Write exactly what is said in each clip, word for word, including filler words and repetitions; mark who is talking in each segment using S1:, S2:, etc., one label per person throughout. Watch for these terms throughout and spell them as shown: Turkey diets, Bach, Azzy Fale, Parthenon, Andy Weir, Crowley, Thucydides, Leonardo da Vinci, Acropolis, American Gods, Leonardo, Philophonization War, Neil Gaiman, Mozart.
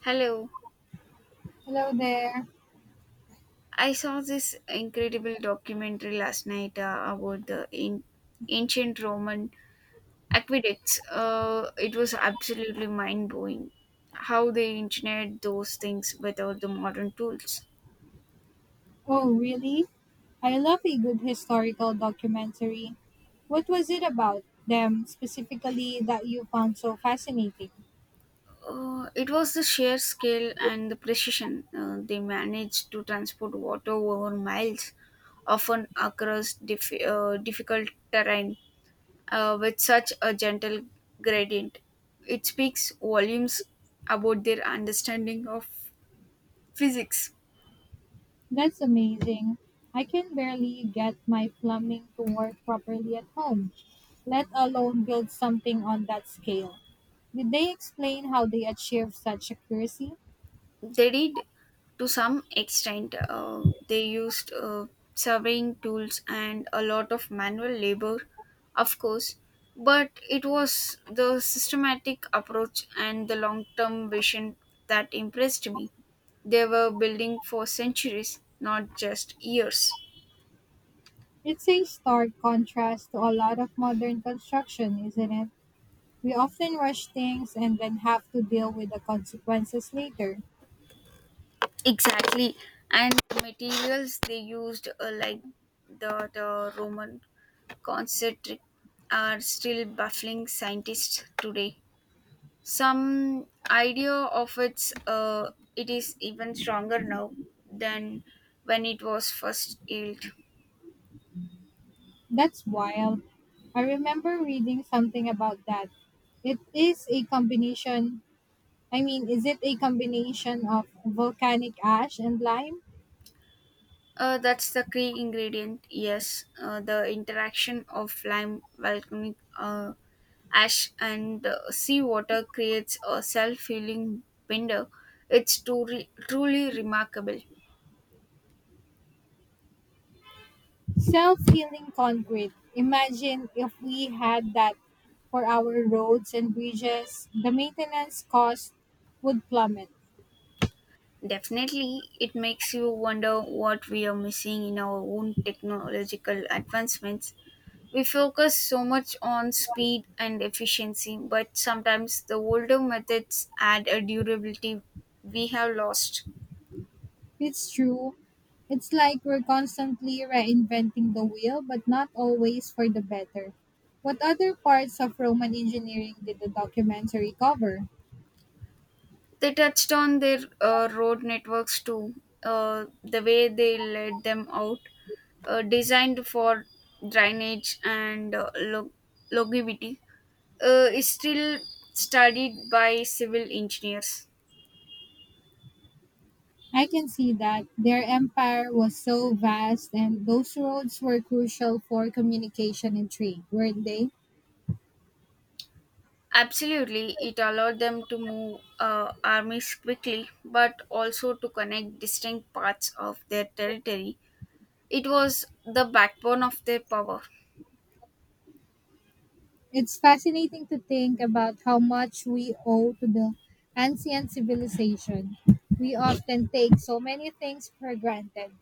S1: Hello.
S2: Hello there.
S1: I saw this incredible documentary last night uh, about the an- ancient Roman aqueducts. Uh, it was absolutely mind blowing how they engineered those things without the modern tools.
S2: Oh, really? I love a good historical documentary. What was it about them specifically that you found so fascinating?
S1: Uh, it was the sheer scale and the precision, uh, they managed to transport water over miles, often across dif- uh, difficult terrain, uh, with such a gentle gradient. It speaks volumes about their understanding of physics.
S2: That's amazing. I can barely get my plumbing to work properly at home, let alone build something on that scale. Did they explain how they achieved such accuracy?
S1: They did, to some extent. Uh, they used uh, surveying tools and a lot of manual labor, of course, but it was the systematic approach and the long term vision that impressed me. They were building for centuries, not just years.
S2: It's a stark contrast to a lot of modern construction, isn't it? We often rush things and then have to deal with the consequences later.
S1: Exactly, and the materials they used, uh, like the, the Roman concentric, are still baffling scientists today. Some idea of its uh, it is even stronger now than when it was first yield.
S2: That's wild. I remember reading something about that. It is a combination, I mean, is it a combination of volcanic ash and lime?
S1: Uh, that's the key ingredient, yes. Uh, the interaction of lime, volcanic uh, ash, and uh, seawater creates a self healing binder. It's truly, truly remarkable.
S2: Self healing concrete. Imagine if we had that for our roads and bridges, the maintenance cost would plummet.
S1: Definitely, it makes you wonder what we are missing in our own technological advancements. We focus so much on speed and efficiency, but sometimes the older methods add a durability we have lost.
S2: It's true. It's like we're constantly reinventing the wheel, but not always for the better. What other parts of Roman engineering did the documentary cover?
S1: They touched on their uh, road networks too, uh, the way they laid them out, uh, designed for drainage and uh, log- longevity, uh, is still studied by civil engineers.
S2: I can see that their empire was so vast, and those roads were crucial for communication and trade, weren't they?
S1: Absolutely, it allowed them to move uh, armies quickly, but also to connect distinct parts of their territory. It was the backbone of their power.
S2: It's fascinating to think about how much we owe to the ancient civilization. We often take so many things for granted.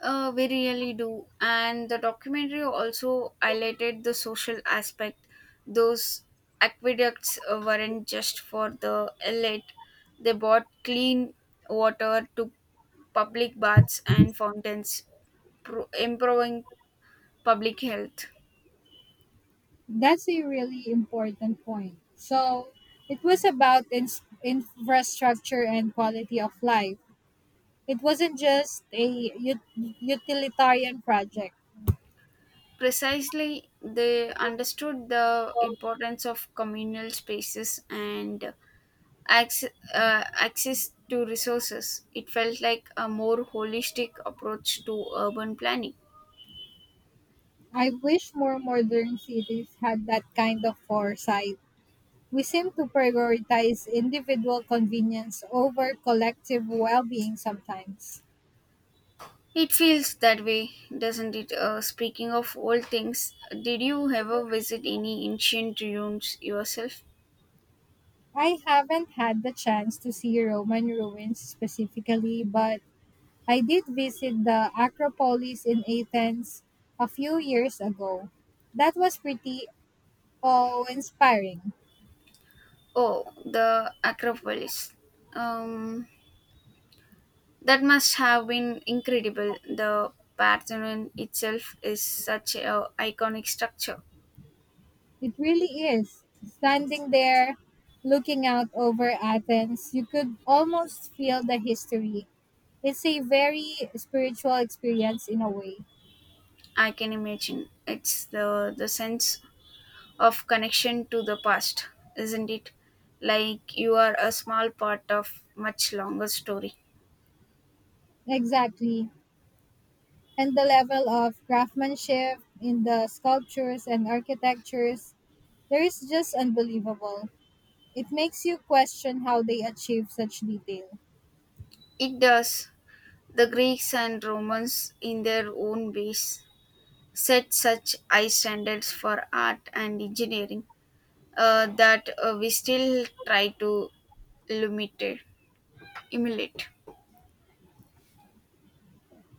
S1: Uh, we really do. And the documentary also highlighted the social aspect. Those aqueducts uh, weren't just for the elite, they brought clean water to public baths and fountains, pro- improving public health.
S2: That's a really important point. So it was about ins- infrastructure and quality of life. It wasn't just a ut- utilitarian project.
S1: Precisely, they understood the importance of communal spaces and access, uh, access to resources. It felt like a more holistic approach to urban planning.
S2: I wish more modern cities had that kind of foresight. We seem to prioritize individual convenience over collective well being sometimes.
S1: It feels that way, doesn't it? Uh, speaking of old things, did you ever visit any ancient ruins yourself?
S2: I haven't had the chance to see Roman ruins specifically, but I did visit the Acropolis in Athens a few years ago. That was pretty awe inspiring.
S1: Oh, the Acropolis. Um, that must have been incredible. The Parthenon itself is such a iconic structure.
S2: It really is. Standing there, looking out over Athens, you could almost feel the history. It's a very spiritual experience in a way.
S1: I can imagine. It's the the sense of connection to the past, isn't it? Like you are a small part of much longer story.
S2: Exactly. And the level of craftsmanship in the sculptures and architectures there is just unbelievable. It makes you question how they achieve such detail.
S1: It does. The Greeks and Romans, in their own ways, set such high standards for art and engineering uh, that uh, we still try to imitate. Emulate.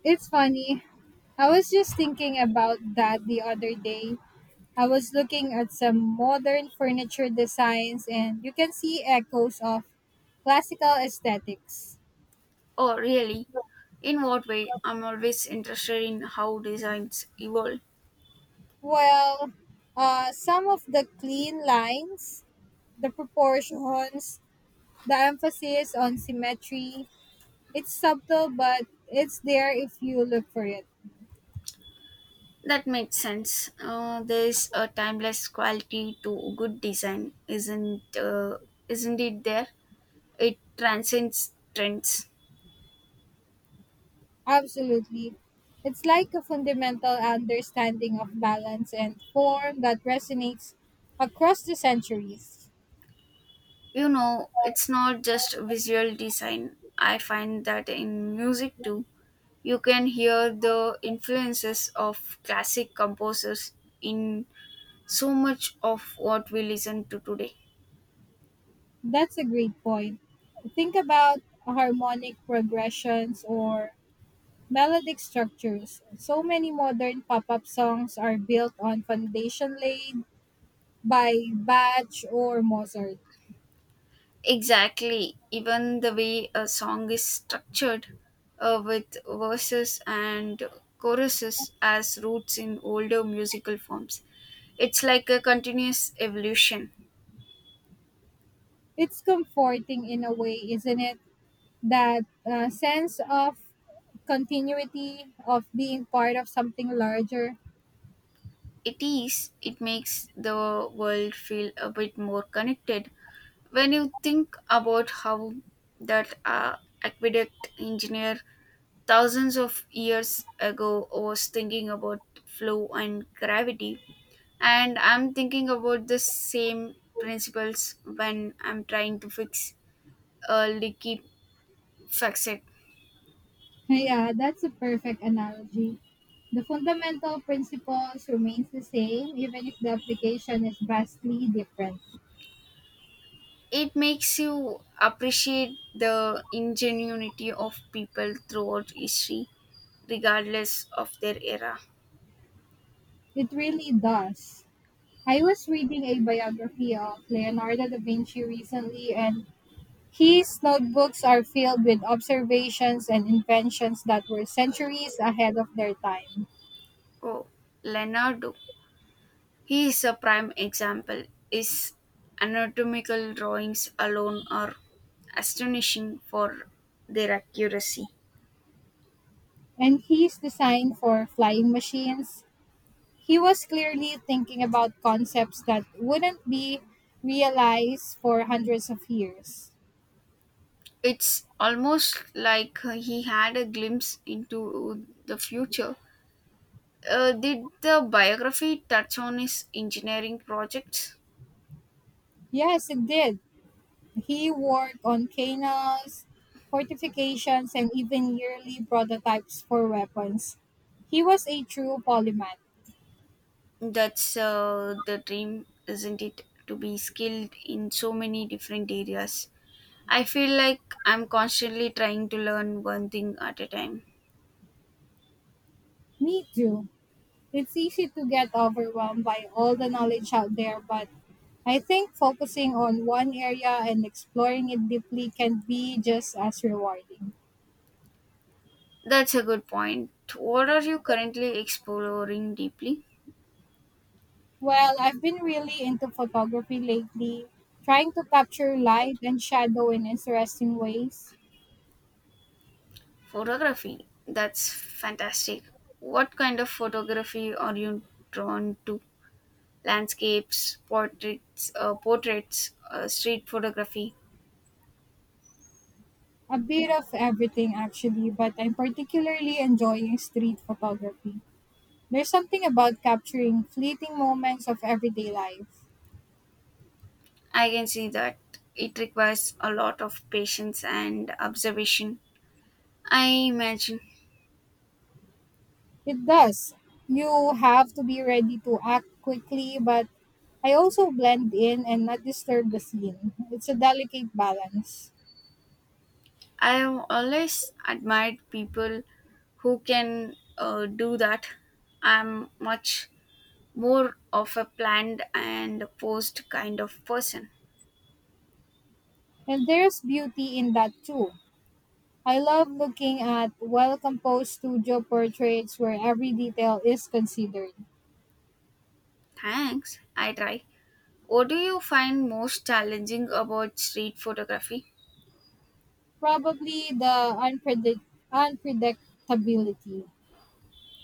S2: It's funny. I was just thinking about that the other day. I was looking at some modern furniture designs and you can see echoes of classical aesthetics.
S1: Oh, really? In what way? I'm always interested in how designs evolve.
S2: Well, uh, some of the clean lines, the proportions, the emphasis on symmetry, it's subtle but it's there if you look for it.
S1: That makes sense. Uh, there's a timeless quality to good design, isn't uh, isn't it? There, it transcends trends.
S2: Absolutely. It's like a fundamental understanding of balance and form that resonates across the centuries.
S1: You know, it's not just visual design. I find that in music too, you can hear the influences of classic composers in so much of what we listen to today.
S2: That's a great point. Think about harmonic progressions or melodic structures. So many modern pop up songs are built on foundation laid by Bach or Mozart.
S1: Exactly. Even the way a song is structured, uh, with verses and choruses as roots in older musical forms, it's like a continuous evolution.
S2: It's comforting in a way, isn't it? That uh, sense of continuity of being part of something larger.
S1: It is, it makes the world feel a bit more connected. When you think about how that uh, aqueduct engineer thousands of years ago was thinking about flow and gravity, and I'm thinking about the same principles when I'm trying to fix a leaky faucet.
S2: Yeah, that's a perfect analogy. The fundamental principles remains the same even if the application is vastly different.
S1: It makes you appreciate the ingenuity of people throughout history, regardless of their era.
S2: It really does. I was reading a biography of Leonardo da Vinci recently and his notebooks are filled with observations and inventions that were centuries ahead of their time.
S1: Oh, Leonardo. He is a prime example. His anatomical drawings alone are astonishing for their accuracy.
S2: And his design for flying machines. He was clearly thinking about concepts that wouldn't be realized for hundreds of years.
S1: It's almost like uh, he had a glimpse into the future. Uh, did the biography touch on his engineering projects?
S2: Yes, it did. He worked on canals, fortifications, and even yearly prototypes for weapons. He was a true polymath.
S1: That's uh, the dream, isn't it? To be skilled in so many different areas. I feel like I'm constantly trying to learn one thing at a time.
S2: Me too. It's easy to get overwhelmed by all the knowledge out there, but I think focusing on one area and exploring it deeply can be just as rewarding.
S1: That's a good point. What are you currently exploring deeply?
S2: Well, I've been really into photography lately, trying to capture light and shadow in interesting ways.
S1: Photography. That's fantastic. What kind of photography are you drawn to? Landscapes, portraits, uh, portraits, uh, street photography.
S2: A bit of everything, actually, but I'm particularly enjoying street photography. There's something about capturing fleeting moments of everyday life.
S1: I can see that it requires a lot of patience and observation. I imagine.
S2: It does. You have to be ready to act quickly, but I also blend in and not disturb the scene. It's a delicate balance.
S1: I have always admired people who can uh, do that. I'm much more of a planned and posed kind of person.
S2: And there's beauty in that too. I love looking at well composed studio portraits where every detail is considered.
S1: Thanks. I try. What do you find most challenging about street photography?
S2: Probably the unpredict- unpredictability.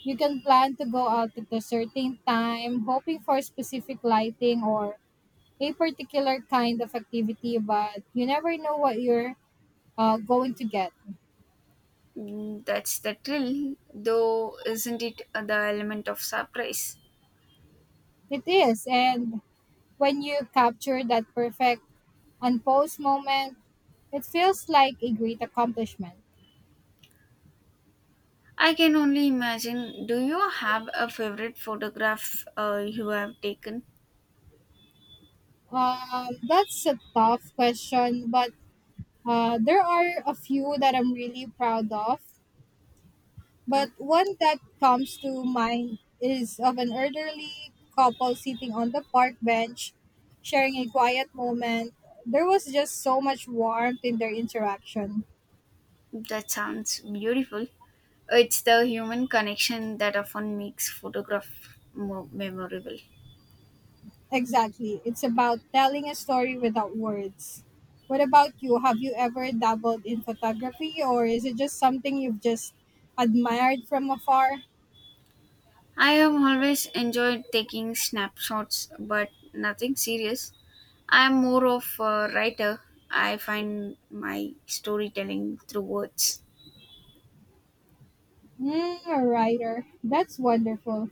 S2: You can plan to go out at a certain time, hoping for specific lighting or a particular kind of activity, but you never know what you're uh, going to get.
S1: Mm, that's the thrill, though, isn't it, the element of surprise?
S2: It is, and when you capture that perfect unposed moment, it feels like a great accomplishment.
S1: I can only imagine. Do you have a favorite photograph uh, you have taken?
S2: Um, that's a tough question, but uh, there are a few that I'm really proud of. But
S1: Mm,
S2: one that comes to mind is of an elderly couple sitting on the park bench, sharing a quiet moment. There was just so much warmth in their interaction.
S1: that sounds beautiful. It's the human connection that often makes photograph more memorable.
S2: Exactly. It's about telling a story without words. What about you? Have you ever dabbled in photography, or is it just something you've just admired from afar?
S1: I have always enjoyed taking snapshots, but nothing serious. I'm more of a writer. I find my storytelling through words.
S2: Mm, a writer. That's wonderful.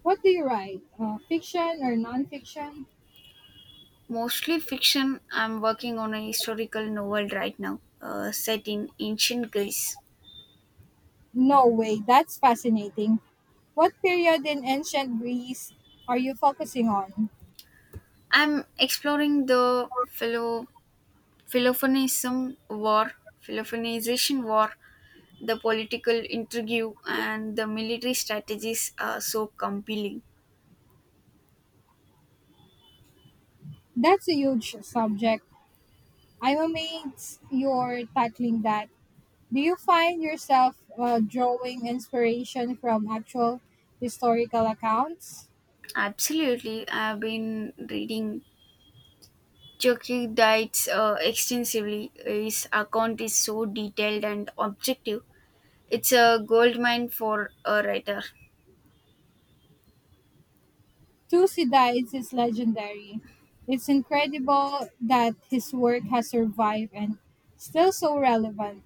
S2: What do you write? Uh, fiction or nonfiction?
S1: Mostly fiction. I'm working on a historical novel right now, uh, set in ancient Greece.
S2: No way. That's fascinating. What period in ancient Greece are you focusing on?
S1: I'm exploring the philo- Philophonism War, Philophonization War, the political intrigue, and the military strategies are so compelling.
S2: That's a huge subject. I'm amazed you're tackling that. Do you find yourself uh, drawing inspiration from actual historical accounts?
S1: Absolutely, I've been reading Turkey diets uh, extensively. His account is so detailed and objective. It's a goldmine for a writer.
S2: Thucydides is legendary. It's incredible that his work has survived and still so relevant.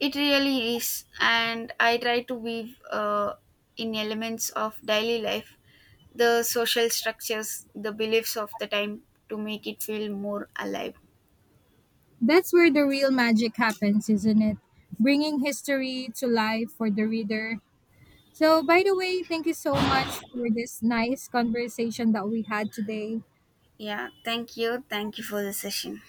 S1: It really is, and I try to weave uh, in elements of daily life, the social structures, the beliefs of the time to make it feel more alive.
S2: That's where the real magic happens, isn't it? Bringing history to life for the reader. So, by the way, thank you so much for this nice conversation that we had today.
S1: Yeah, thank you. Thank you for the session.